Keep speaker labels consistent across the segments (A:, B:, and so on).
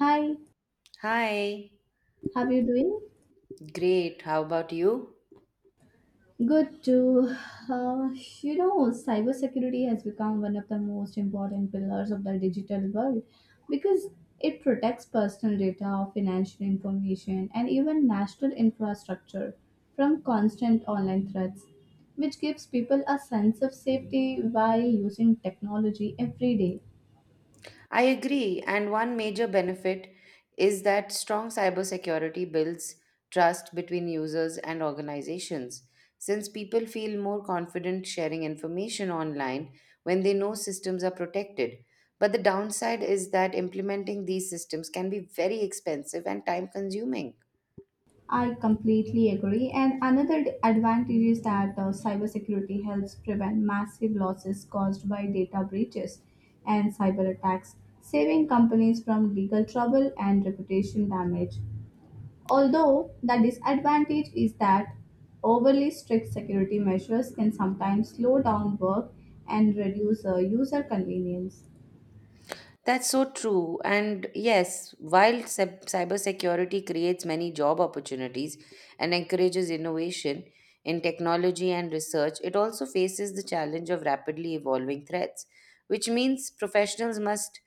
A: Hi,
B: Hi,
A: how are you doing?
B: great. How about you?
A: Good too. Uh, you know, Cybersecurity has become one of the most important pillars of the digital world because it protects personal data, financial information, and even national infrastructure from constant online threats, which gives people a sense of safety while using technology every day.
B: I agree. And one major benefit is that strong cybersecurity builds trust between users and organizations. Since people feel more confident sharing information online when they know systems are protected. But the downside is that implementing these systems can be very expensive and time consuming.
A: I completely agree. And another advantage is that cybersecurity helps prevent massive losses caused by data breaches and cyber attacks, saving companies from legal trouble and reputation damage. Although the disadvantage is that overly strict security measures can sometimes slow down work and reduce user convenience.
B: That's so true. And yes, while cybersecurity creates many job opportunities and encourages innovation in technology and research, it also faces the challenge of rapidly evolving threats, which means professionals must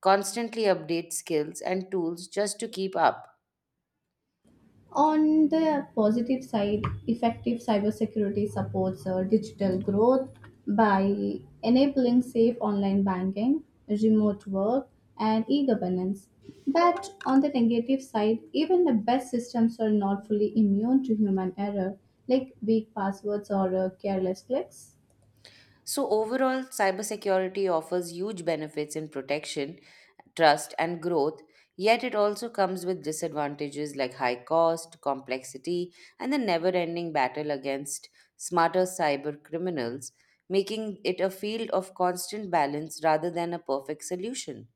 B: constantly update skills and tools just to keep up.
A: On the positive side, effective cybersecurity supports digital growth by enabling safe online banking, remote work, and e governance. But on the negative side, even the best systems are not fully immune to human error, like weak passwords or careless clicks.
B: So, overall, cybersecurity offers huge benefits in protection, trust, and growth, yet it also comes with disadvantages like high cost, complexity, and the never ending battle against smarter cyber criminals, making it a field of constant balance rather than a perfect solution.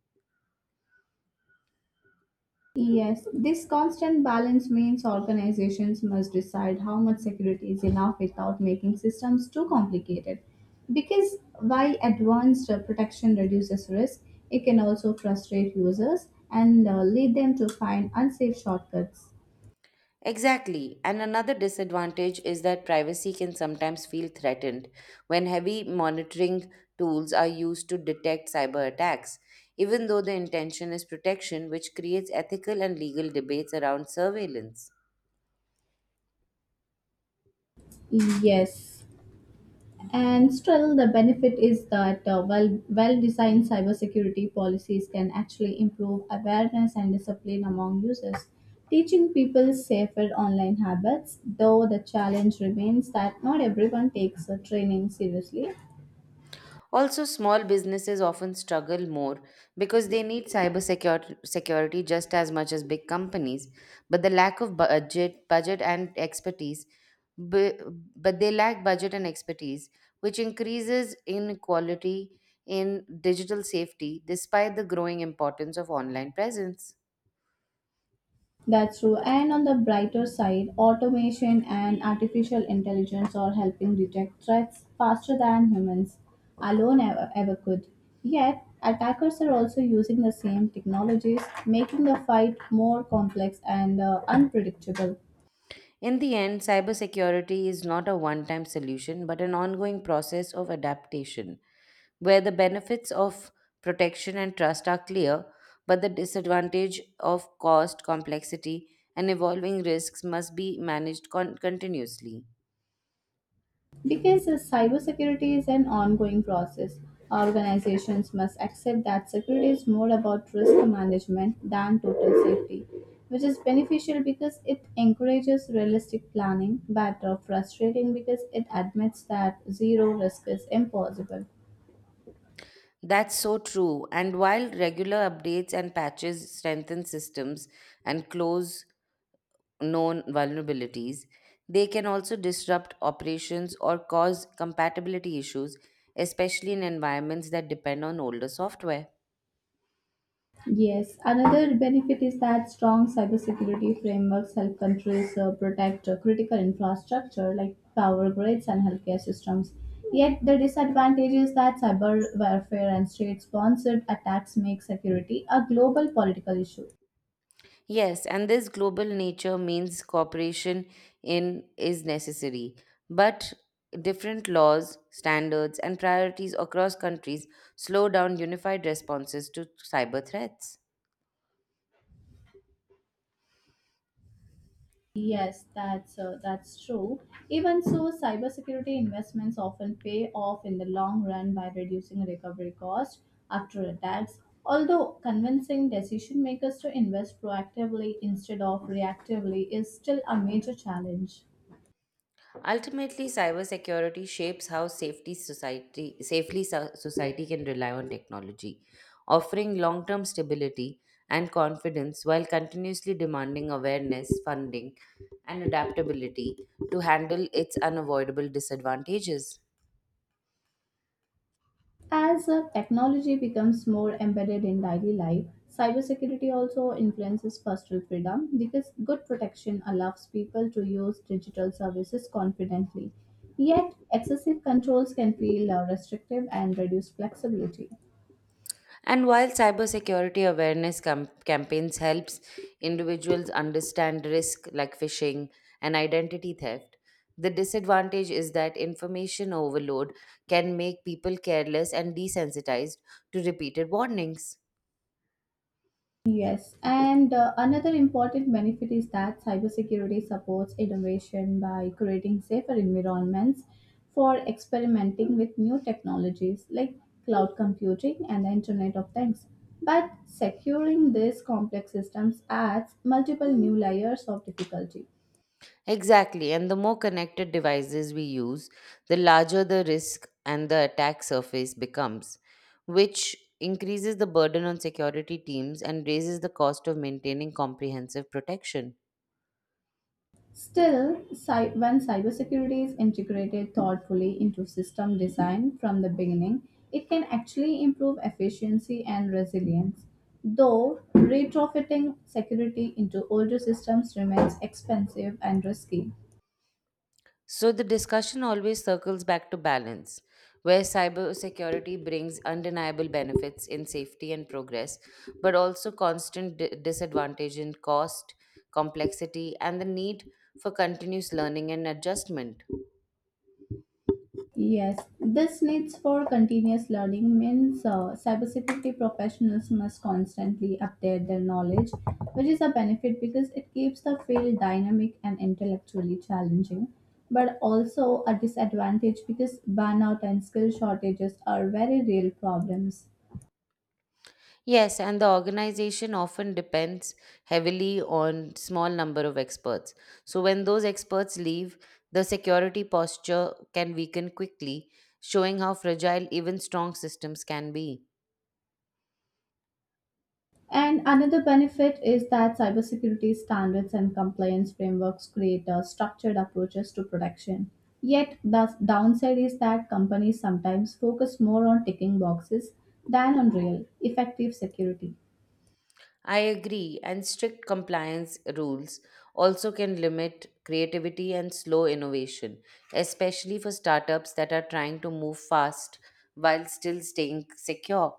A: Yes, this constant balance means organizations must decide how much security is enough without making systems too complicated. Because while advanced protection reduces risk, it can also frustrate users and lead them to find unsafe shortcuts.
B: Exactly. And another disadvantage is that privacy can sometimes feel threatened when heavy monitoring tools are used to detect cyber attacks, even though the intention is protection, which creates ethical and legal debates around surveillance.
A: Yes. And still, the benefit is that well designed cybersecurity policies can actually improve awareness and discipline among users, teaching people safer online habits. Though the challenge remains that not everyone takes the training seriously.
B: Also, small businesses often struggle more because they need cyber security, security just as much as big companies, but the lack of budget and expertise, bu- but they lack budget and expertise, which increases inequality in digital safety despite the growing importance of online presence.
A: That's true. And on the brighter side, automation and artificial intelligence are helping detect threats faster than humans alone ever could. Yet, attackers are also using the same technologies, making the fight more complex and unpredictable.
B: In the end, cybersecurity is not a one time solution but an ongoing process of adaptation, where the benefits of protection and trust are clear, but the disadvantage of cost, complexity, and evolving risks must be managed continuously.
A: Because cybersecurity is an ongoing process, organizations must accept that security is more about risk management than total safety, which is beneficial because it encourages realistic planning, but frustrating because it admits that zero risk is impossible.
B: That's so true. And while regular updates and patches strengthen systems and close known vulnerabilities. They can also disrupt operations or cause compatibility issues, especially in environments that depend on older software.
A: Yes, another benefit is that strong cybersecurity frameworks help countries protect critical infrastructure like power grids and healthcare systems. Yet the disadvantage is that cyber warfare and state-sponsored attacks make security a global political issue.
B: Yes, and this global nature means cooperation in is necessary, but different laws, standards, and priorities across countries slow down unified responses to cyber threats.
A: Yes, that's true. Even so, cybersecurity investments often pay off in the long run by reducing recovery costs after attacks. Although convincing decision makers to invest proactively instead of reactively is still a major challenge.
B: Ultimately, cybersecurity shapes how safety society safely society can rely on technology, offering long-term stability and confidence while continuously demanding awareness, funding, and adaptability to handle its unavoidable disadvantages.
A: As technology becomes more embedded in daily life, cybersecurity also influences personal freedom because good protection allows people to use digital services confidently. Yet, excessive controls can feel restrictive and reduce flexibility.
B: And while cybersecurity awareness campaigns helps individuals understand risk like phishing and identity theft, the disadvantage is that information overload can make people careless and desensitized to repeated warnings.
A: Yes, and another important benefit is that cybersecurity supports innovation by creating safer environments for experimenting with new technologies like cloud computing and the Internet of Things. But securing these complex systems adds multiple new layers of difficulty.
B: Exactly, and the more connected devices we use, the larger the risk and the attack surface becomes, which increases the burden on security teams and raises the cost of maintaining comprehensive protection.
A: Still, when cybersecurity is integrated thoughtfully into system design from the beginning, it can actually improve efficiency and resilience. Though retrofitting security into older systems remains expensive and risky.
B: So the discussion always circles back to balance, where cybersecurity brings undeniable benefits in safety and progress, but also constant disadvantage in cost, complexity, and the need for continuous learning and adjustment.
A: Yes, this needs for continuous learning means cybersecurity professionals must constantly update their knowledge, which is a benefit because it keeps the field dynamic and intellectually challenging, but also a disadvantage because burnout and skill shortages are very real problems.
B: Yes, and the organization often depends heavily on small number of experts. So when those experts leave, the security posture can weaken quickly, showing how fragile even strong systems can be.
A: And another benefit is that cybersecurity standards and compliance frameworks create structured approaches to protection. Yet, the downside is that companies sometimes focus more on ticking boxes than on real, effective security.
B: I agree, and strict compliance rules also can limit creativity and slow innovation, especially for startups that are trying to move fast while still staying secure.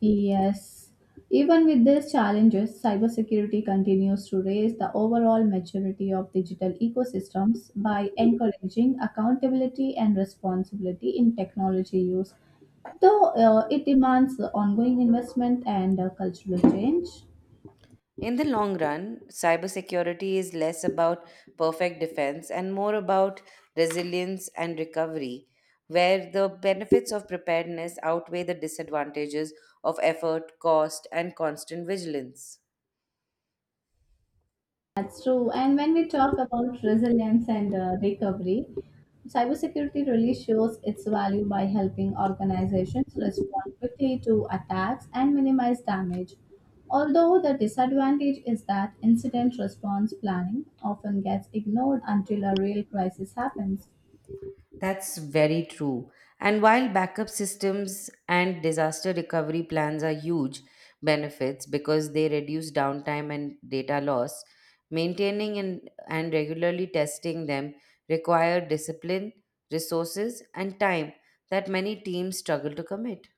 A: Yes. Even with these challenges, cybersecurity continues to raise the overall maturity of digital ecosystems by encouraging accountability and responsibility in technology use, though it demands ongoing investment and cultural change.
B: In the long run, cybersecurity is less about perfect defense and more about resilience and recovery, where the benefits of preparedness outweigh the disadvantages of effort, cost, and constant vigilance.
A: That's true. And when we talk about resilience and recovery, cybersecurity really shows its value by helping organizations respond quickly to attacks and minimize damage. Although the disadvantage is that incident response planning often gets ignored until a real crisis happens.
B: That's very true. And while backup systems and disaster recovery plans are huge benefits because they reduce downtime and data loss, maintaining and regularly testing them require discipline, resources, and time that many teams struggle to commit.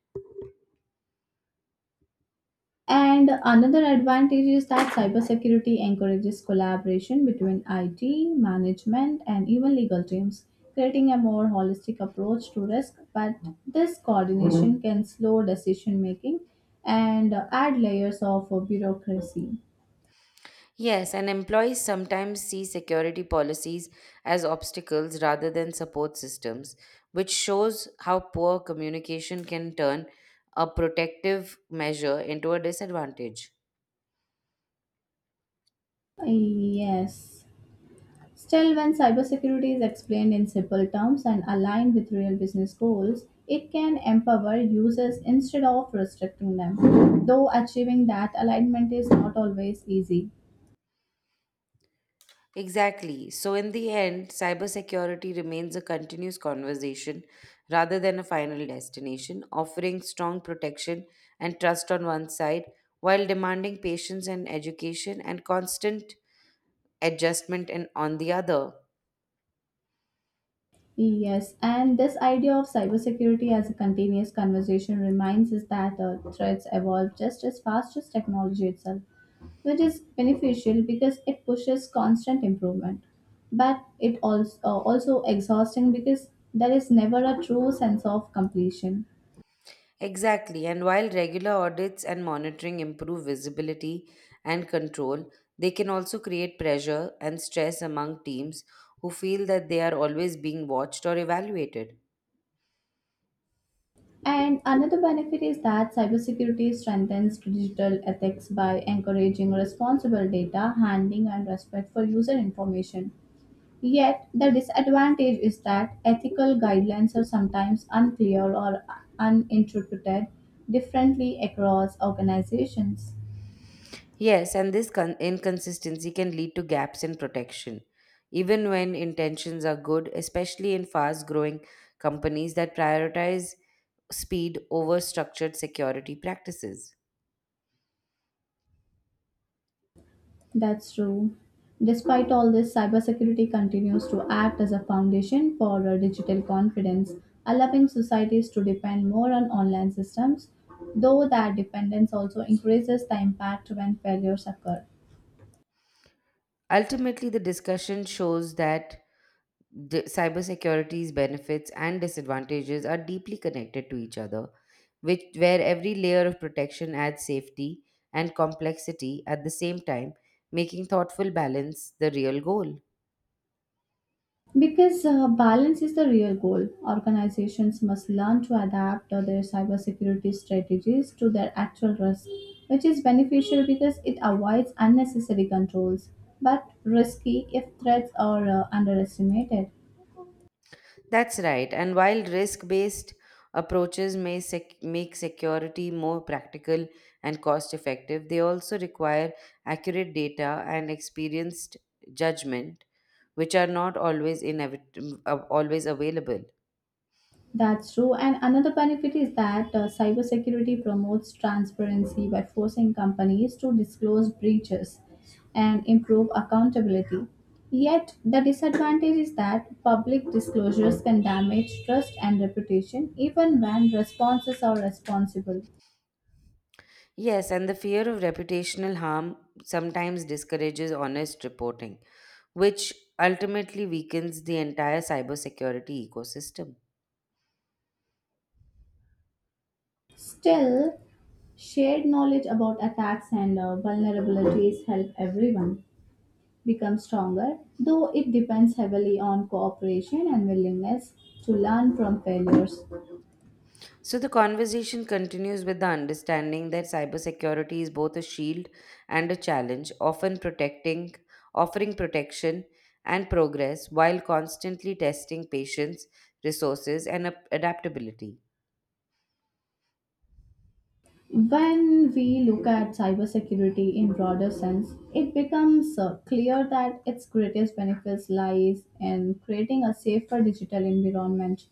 A: And another advantage is that cybersecurity encourages collaboration between IT, management, and even legal teams, creating a more holistic approach to risk. But this coordination can slow decision making and add layers of bureaucracy.
B: Yes, and employees sometimes see security policies as obstacles rather than support systems, which shows how poor communication can turn a protective measure into a disadvantage.
A: Yes. Still, when cybersecurity is explained in simple terms and aligned with real business goals, it can empower users instead of restricting them. Though achieving that alignment is not always easy.
B: Exactly. So, in the end, cybersecurity remains a continuous conversation rather than a final destination, offering strong protection and trust on one side while demanding patience and education and constant adjustment and on the other.
A: Yes, and this idea of cybersecurity as a continuous conversation reminds us that threats evolve just as fast as technology itself, which is beneficial because it pushes constant improvement. But it also exhausting because there is never a true sense of completion.
B: Exactly, and while regular audits and monitoring improve visibility and control, they can also create pressure and stress among teams who feel that they are always being watched or evaluated.
A: And another benefit is that cybersecurity strengthens digital ethics by encouraging responsible data handling and respect for user information. Yet, the disadvantage is that ethical guidelines are sometimes unclear or uninterpreted differently across organizations.
B: Yes, and this inconsistency can lead to gaps in protection, even when intentions are good, especially in fast growing companies that prioritize speed over structured security practices.
A: That's true. Despite all this, cybersecurity continues to act as a foundation for digital confidence, allowing societies to depend more on online systems, though that dependence also increases the impact when failures occur.
B: Ultimately, the discussion shows that cybersecurity's benefits and disadvantages are deeply connected to each other, which where every layer of protection adds safety and complexity at the same time, making thoughtful balance the real goal.
A: Because balance is the real goal, organizations must learn to adapt their cybersecurity strategies to their actual risk, which is beneficial because it avoids unnecessary controls, but risky if threats are underestimated.
B: That's right. And while risk-based approaches may make security more practical and cost-effective, they also require accurate data and experienced judgment, which are not always always available.
A: That's true. And another benefit is that cybersecurity promotes transparency by forcing companies to disclose breaches and improve accountability. Yet, the disadvantage is that public disclosures can damage trust and reputation even when responses are responsible.
B: Yes, and the fear of reputational harm sometimes discourages honest reporting, which ultimately weakens the entire cybersecurity ecosystem.
A: Still, shared knowledge about attacks and vulnerabilities help everyone become stronger, though it depends heavily on cooperation and willingness to learn from failures.
B: So the conversation continues with the understanding that cybersecurity is both a shield and a challenge, often protecting, offering protection and progress while constantly testing patience, resources, and adaptability.
A: When we look at cybersecurity in broader sense, it becomes clear that its greatest benefits lies in creating a safer digital environment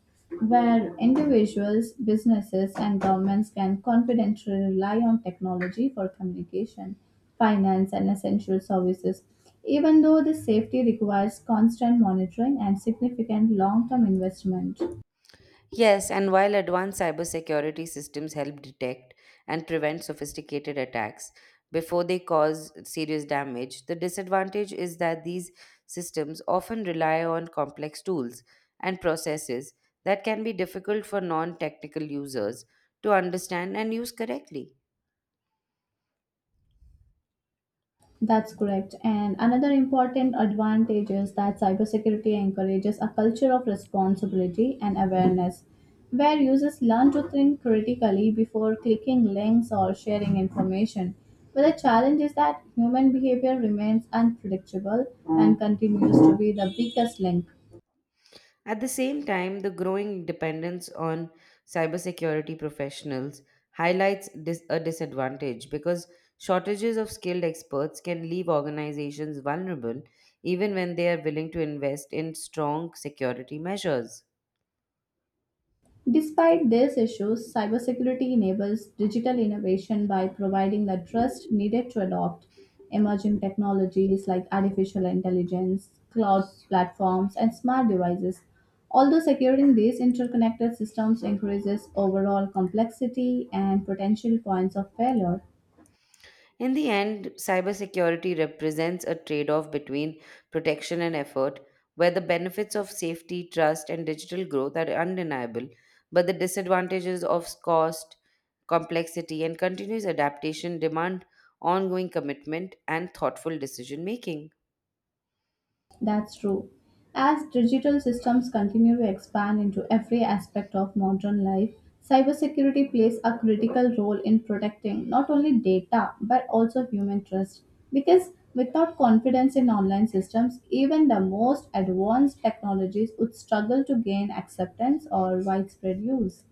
A: where individuals, businesses, and governments can confidently rely on technology for communication, finance, and essential services. Even though this safety requires constant monitoring and significant long-term investment.
B: Yes, and while advanced cybersecurity systems help detect and prevent sophisticated attacks before they cause serious damage, the disadvantage is that these systems often rely on complex tools and processes that can be difficult for non technical users to understand and use correctly.
A: That's correct. And another important advantage is that cybersecurity encourages a culture of responsibility and awareness, where users learn to think critically before clicking links or sharing information. But the challenge is that human behavior remains unpredictable and continues to be the weakest link.
B: At the same time, the growing dependence on cybersecurity professionals highlights a disadvantage because shortages of skilled experts can leave organizations vulnerable even when they are willing to invest in strong security measures.
A: Despite these issues, cybersecurity enables digital innovation by providing the trust needed to adopt emerging technologies like artificial intelligence, cloud platforms, and smart devices. Although securing these interconnected systems increases overall complexity and potential points of failure.
B: In the end, cybersecurity represents a trade off between protection and effort, where the benefits of safety, trust, and digital growth are undeniable, but the disadvantages of cost, complexity, and continuous adaptation demand ongoing commitment and thoughtful decision making.
A: That's true. As digital systems continue to expand into every aspect of modern life, cybersecurity plays a critical role in protecting not only data but also human trust. Because without confidence in online systems, even the most advanced technologies would struggle to gain acceptance or widespread use.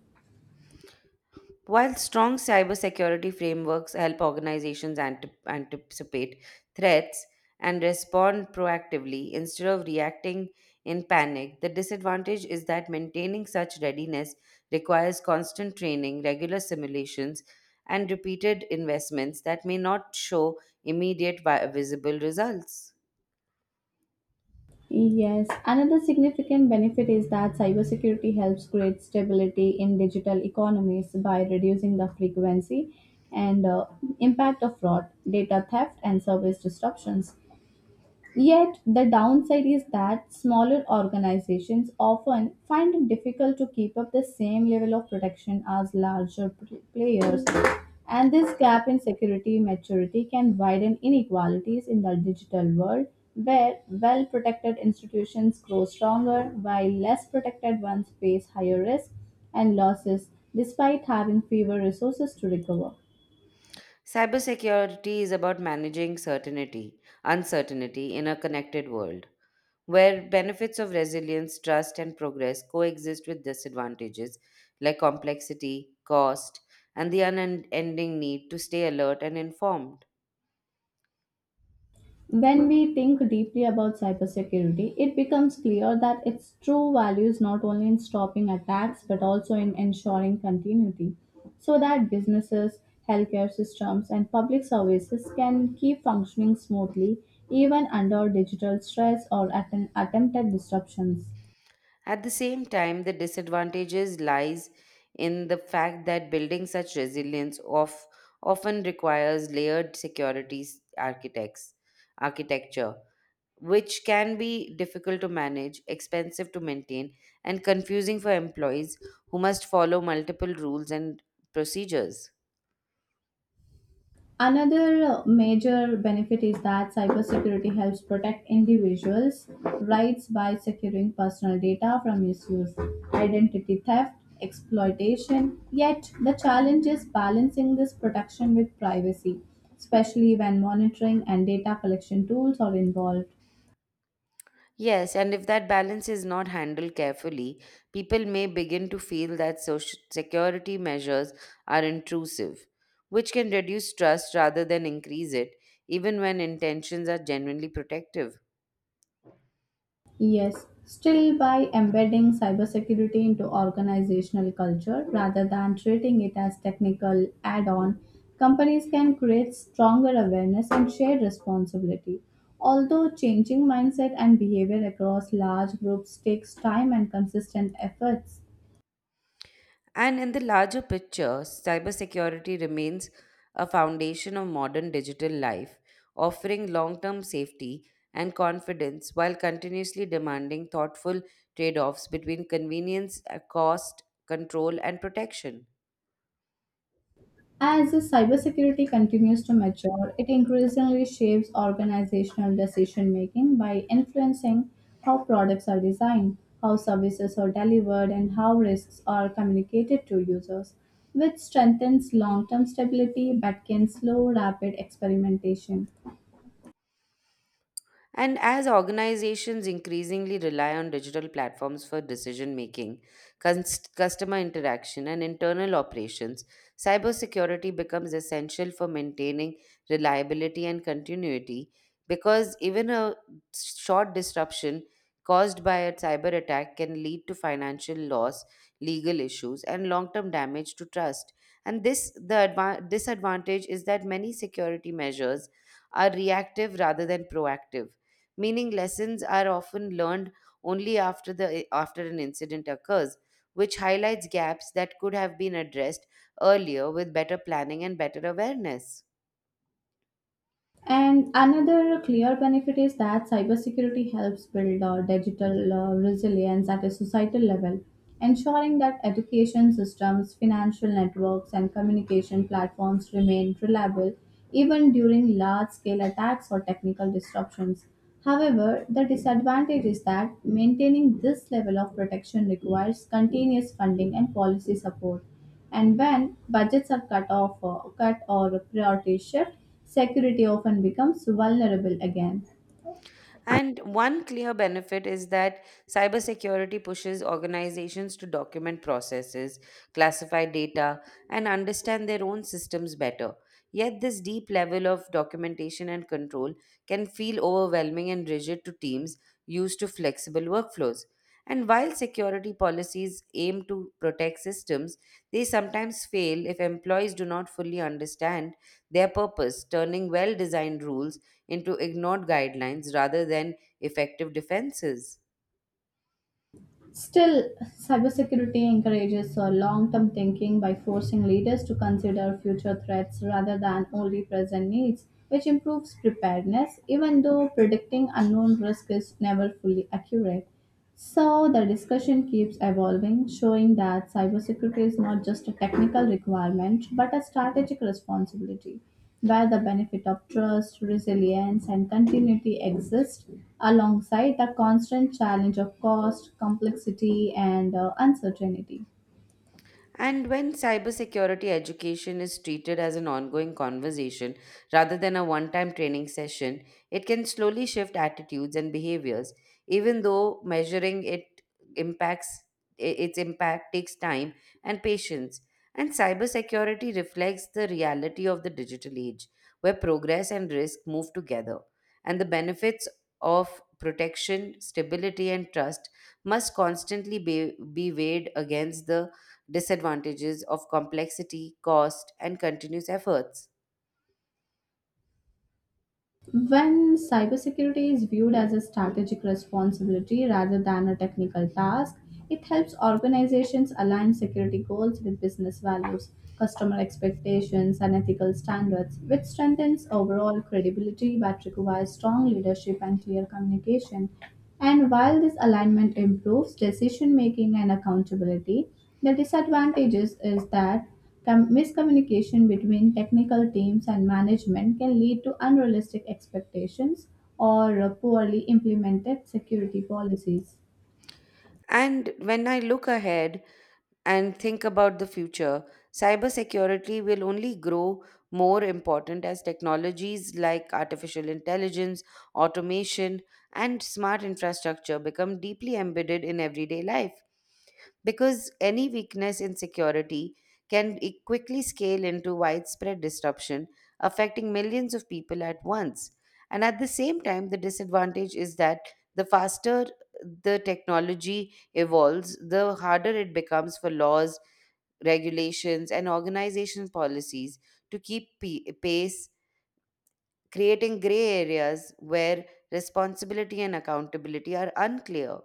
B: While strong cybersecurity frameworks help organizations anticipate threats and respond proactively instead of reacting in panic, the disadvantage is that maintaining such readiness requires constant training, regular simulations, and repeated investments that may not show immediate visible results.
A: Yes, another significant benefit is that cybersecurity helps create stability in digital economies by reducing the frequency and impact of fraud, data theft, and service disruptions. Yet, the downside is that smaller organizations often find it difficult to keep up the same level of protection as larger players, and this gap in security maturity can widen inequalities in the digital world where well protected institutions grow stronger while less protected ones face higher risk and losses despite having fewer resources to recover.
B: Cybersecurity is about managing certainty, uncertainty in a connected world, where benefits of resilience, trust, and progress coexist with disadvantages like complexity, cost, and the unending need to stay alert and informed.
A: When we think deeply about cybersecurity, it becomes clear that its true value is not only in stopping attacks but also in ensuring continuity so that businesses, healthcare systems, and public services can keep functioning smoothly even under digital stress or attempted disruptions.
B: At the same time, the disadvantages lies in the fact that building such resilience of, often requires layered security s- architects architecture which can be difficult to manage, expensive to maintain, and confusing for employees who must follow multiple rules and procedures.
A: Another major benefit is that cybersecurity helps protect individuals' rights by securing personal data from misuse, identity theft, exploitation. Yet, the challenge is balancing this protection with privacy, especially when monitoring and data collection tools are involved.
B: Yes, and if that balance is not handled carefully, people may begin to feel that social security measures are intrusive, which can reduce trust rather than increase it, even when intentions are genuinely protective.
A: Yes, still by embedding cybersecurity into organizational culture rather than treating it as technical add-on, companies can create stronger awareness and shared responsibility. Although changing mindset and behavior across large groups takes time and consistent efforts.
B: And in the larger picture, cybersecurity remains a foundation of modern digital life, offering long term safety and confidence while continuously demanding thoughtful trade offs between convenience, cost, control, and protection.
A: As cybersecurity continues to mature, it increasingly shapes organizational decision making by influencing how products are designed, how services are delivered, and how risks are communicated to users, which strengthens long term stability but can slow rapid experimentation.
B: And as organizations increasingly rely on digital platforms for decision making, customer interaction, and internal operations, cybersecurity becomes essential for maintaining reliability and continuity because even a short disruption caused by a cyber attack can lead to financial loss, legal issues, and long term damage to trust. And this the adva- disadvantage is that many security measures are reactive rather than proactive meaning lessons are often learned only after an incident occurs, which highlights gaps that could have been addressed earlier with better planning and better awareness.
A: And another clear benefit is that cybersecurity helps build digital resilience at a societal level, ensuring that education systems, financial networks, and communication platforms remain reliable even during large scale attacks or technical disruptions. However, the disadvantage is that maintaining this level of protection requires continuous funding and policy support and when budgets are cut or priorities shift, security often becomes vulnerable again.
B: And one clear benefit is that cybersecurity pushes organizations to document processes, classify data, and understand their own systems better. Yet, this deep level of documentation and control can feel overwhelming and rigid to teams used to flexible workflows. And while security policies aim to protect systems, these sometimes fail if employees do not fully understand their purpose, turning well designed rules into ignored guidelines rather than effective defenses.
A: Still, cybersecurity encourages a long-term thinking by forcing leaders to consider future threats rather than only present needs, which improves preparedness, even though predicting unknown risk is never fully accurate. So the discussion keeps evolving, showing that cybersecurity is not just a technical requirement but a strategic responsibility, where the benefit of trust, resilience, and continuity exist alongside the constant challenge of cost, complexity, and uncertainty.
B: And when cybersecurity education is treated as an ongoing conversation rather than a one time training session, it can slowly shift attitudes and behaviors, even though measuring impacts its impact takes time and patience. And cybersecurity reflects the reality of the digital age, where progress and risk move together, and the benefits of protection, stability, and trust must constantly be weighed against the disadvantages of complexity, cost, and continuous efforts.
A: When cybersecurity is viewed as a strategic responsibility rather than a technical task, it helps organizations align security goals with business values, customer expectations, and ethical standards, which strengthens overall credibility but requires strong leadership and clear communication. And while this alignment improves decision making and accountability, the disadvantages is that miscommunication between technical teams and management can lead to unrealistic expectations or poorly implemented security policies.
B: And when I look ahead and think about the future, cybersecurity will only grow more important as technologies like artificial intelligence, automation, and smart infrastructure become deeply embedded in everyday life, because any weakness in security can quickly scale into widespread disruption, affecting millions of people at once. And at the same time, the disadvantage is that the faster the technology evolves, the harder it becomes for laws, regulations, and organization policies to keep pace, creating gray areas where responsibility and accountability are unclear.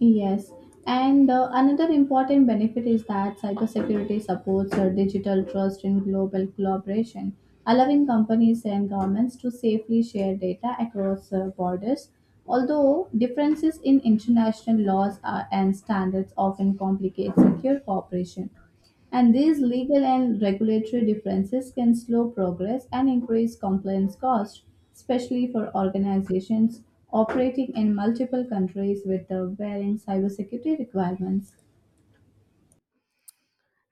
A: Yes, and another important benefit is that cybersecurity supports digital trust in global collaboration, allowing companies and governments to safely share data across borders. Although differences in international laws and standards often complicate secure cooperation. And these legal and regulatory differences can slow progress and increase compliance costs, especially for organizations operating in multiple countries with the varying cybersecurity requirements.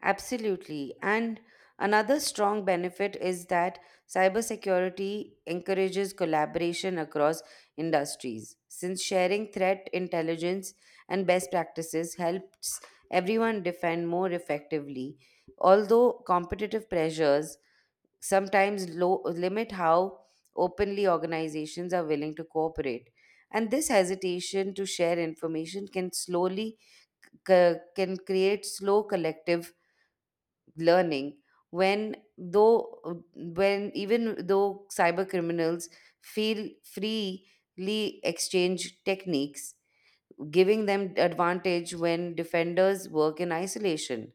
B: Absolutely. And another strong benefit is that cybersecurity encourages collaboration across industries, since sharing threat intelligence and best practices helps everyone defend more effectively. Although competitive pressures sometimes limit how openly organizations are willing to cooperate. And this hesitation to share information can slowly c- can create slow collective learning when though when even though cyber criminals feel freely exchange techniques giving them advantage when defenders work in isolation.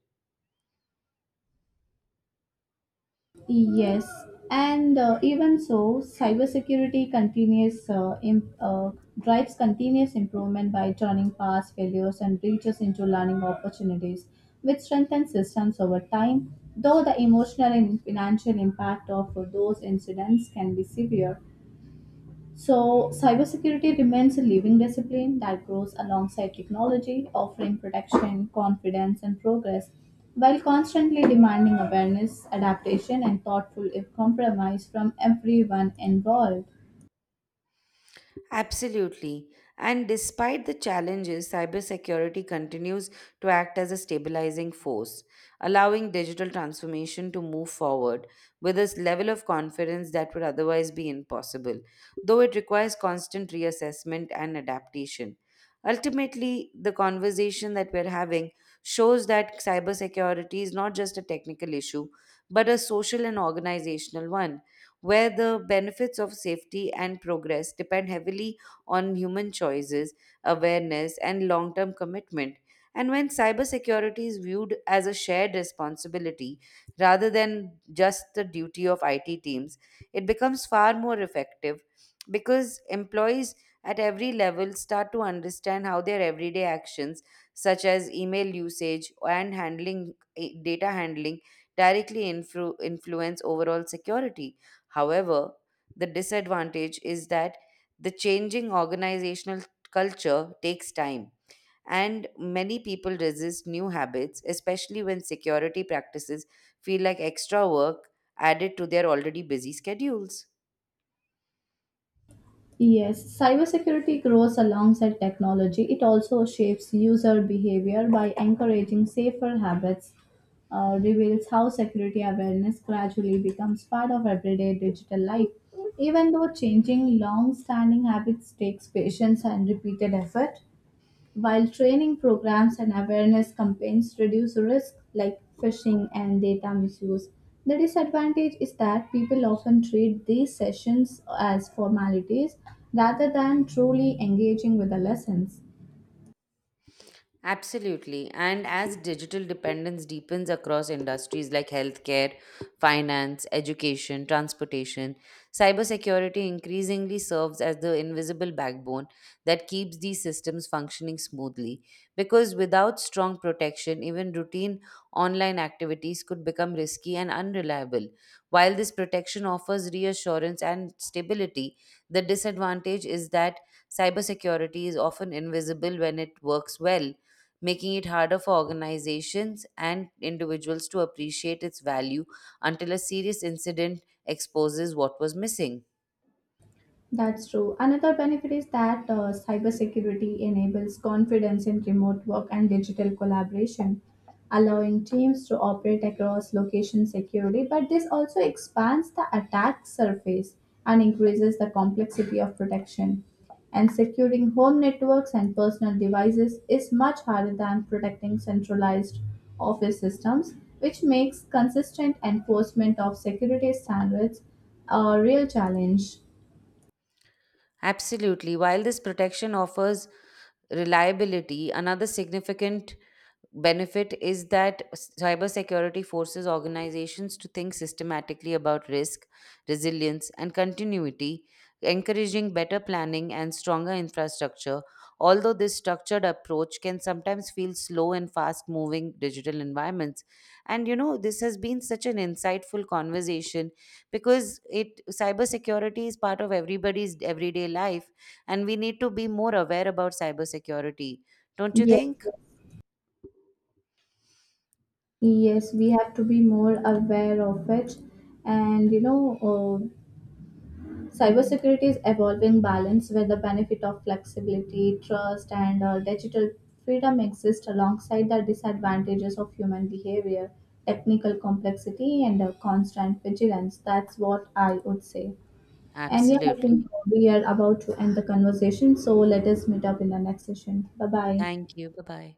A: Yes, and even so, cybersecurity continuous imp- drives continuous improvement by turning past failures and breaches into learning opportunities, which strengthen systems over time. Though the emotional and financial impact of those incidents can be severe, so cybersecurity remains a living discipline that grows alongside technology, offering protection, confidence, and progress, while constantly demanding awareness, adaptation, and thoughtful if compromise from everyone involved.
B: Absolutely. And despite the challenges, cybersecurity continues to act as a stabilizing force, allowing digital transformation to move forward with a level of confidence that would otherwise be impossible, though it requires constant reassessment and adaptation. Ultimately, the conversation that we're having shows that cybersecurity is not just a technical issue, but a social and organizational one where the benefits of safety and progress depend heavily on human choices, awareness, and long term commitment. And when cybersecurity is viewed as a shared responsibility rather than just the duty of IT teams, it becomes far more effective because employees at every level start to understand how their everyday actions, such as email usage and handling data handling, directly influence overall security. However, the disadvantage is that the changing organizational culture takes time, and many people resist new habits, especially when security practices feel like extra work added to their already busy schedules.
A: Yes, cybersecurity grows alongside technology. It also shapes user behavior by encouraging safer habits, reveals how security awareness gradually becomes part of everyday digital life. Even though changing long standing habits takes patience and repeated effort, while training programs and awareness campaigns reduce risks like phishing and data misuse, the disadvantage is that people often treat these sessions as formalities rather than truly engaging with the lessons.
B: Absolutely. And as digital dependence deepens across industries like healthcare, finance, education, transportation, cybersecurity increasingly serves as the invisible backbone that keeps these systems functioning smoothly. Because without strong protection, even routine online activities could become risky and unreliable. While this protection offers reassurance and stability, the disadvantage is that cybersecurity is often invisible when it works well making it harder for organizations and individuals to appreciate its value until a serious incident exposes what was missing.
A: That's true. Another benefit is that cybersecurity enables confidence in remote work and digital collaboration, allowing teams to operate across location securely. But this also expands the attack surface and increases the complexity of protection. And securing home networks and personal devices is much harder than protecting centralized office systems, which makes consistent enforcement of security standards a real challenge.
B: Absolutely. While this protection offers reliability, another significant benefit is that cybersecurity forces organizations to think systematically about risk, resilience, and continuity, encouraging better planning and stronger infrastructure. Although this structured approach can sometimes feel slow in fast moving digital environments. And you know, this has been such an insightful conversation because it cybersecurity is part of everybody's everyday life and we need to be more aware about cybersecurity. Don't you
A: Yes,
B: think?
A: yes, yes, we have to be more aware of it. And you know, cybersecurity is evolving balance where the benefit of flexibility, trust, and digital freedom exist alongside the disadvantages of human behavior, technical complexity, and constant vigilance. That's what I would say. And yeah, I think
B: Absolutely.
A: we are about to end the conversation, so let us meet up in the next session. Bye bye.
B: Thank you. Bye bye.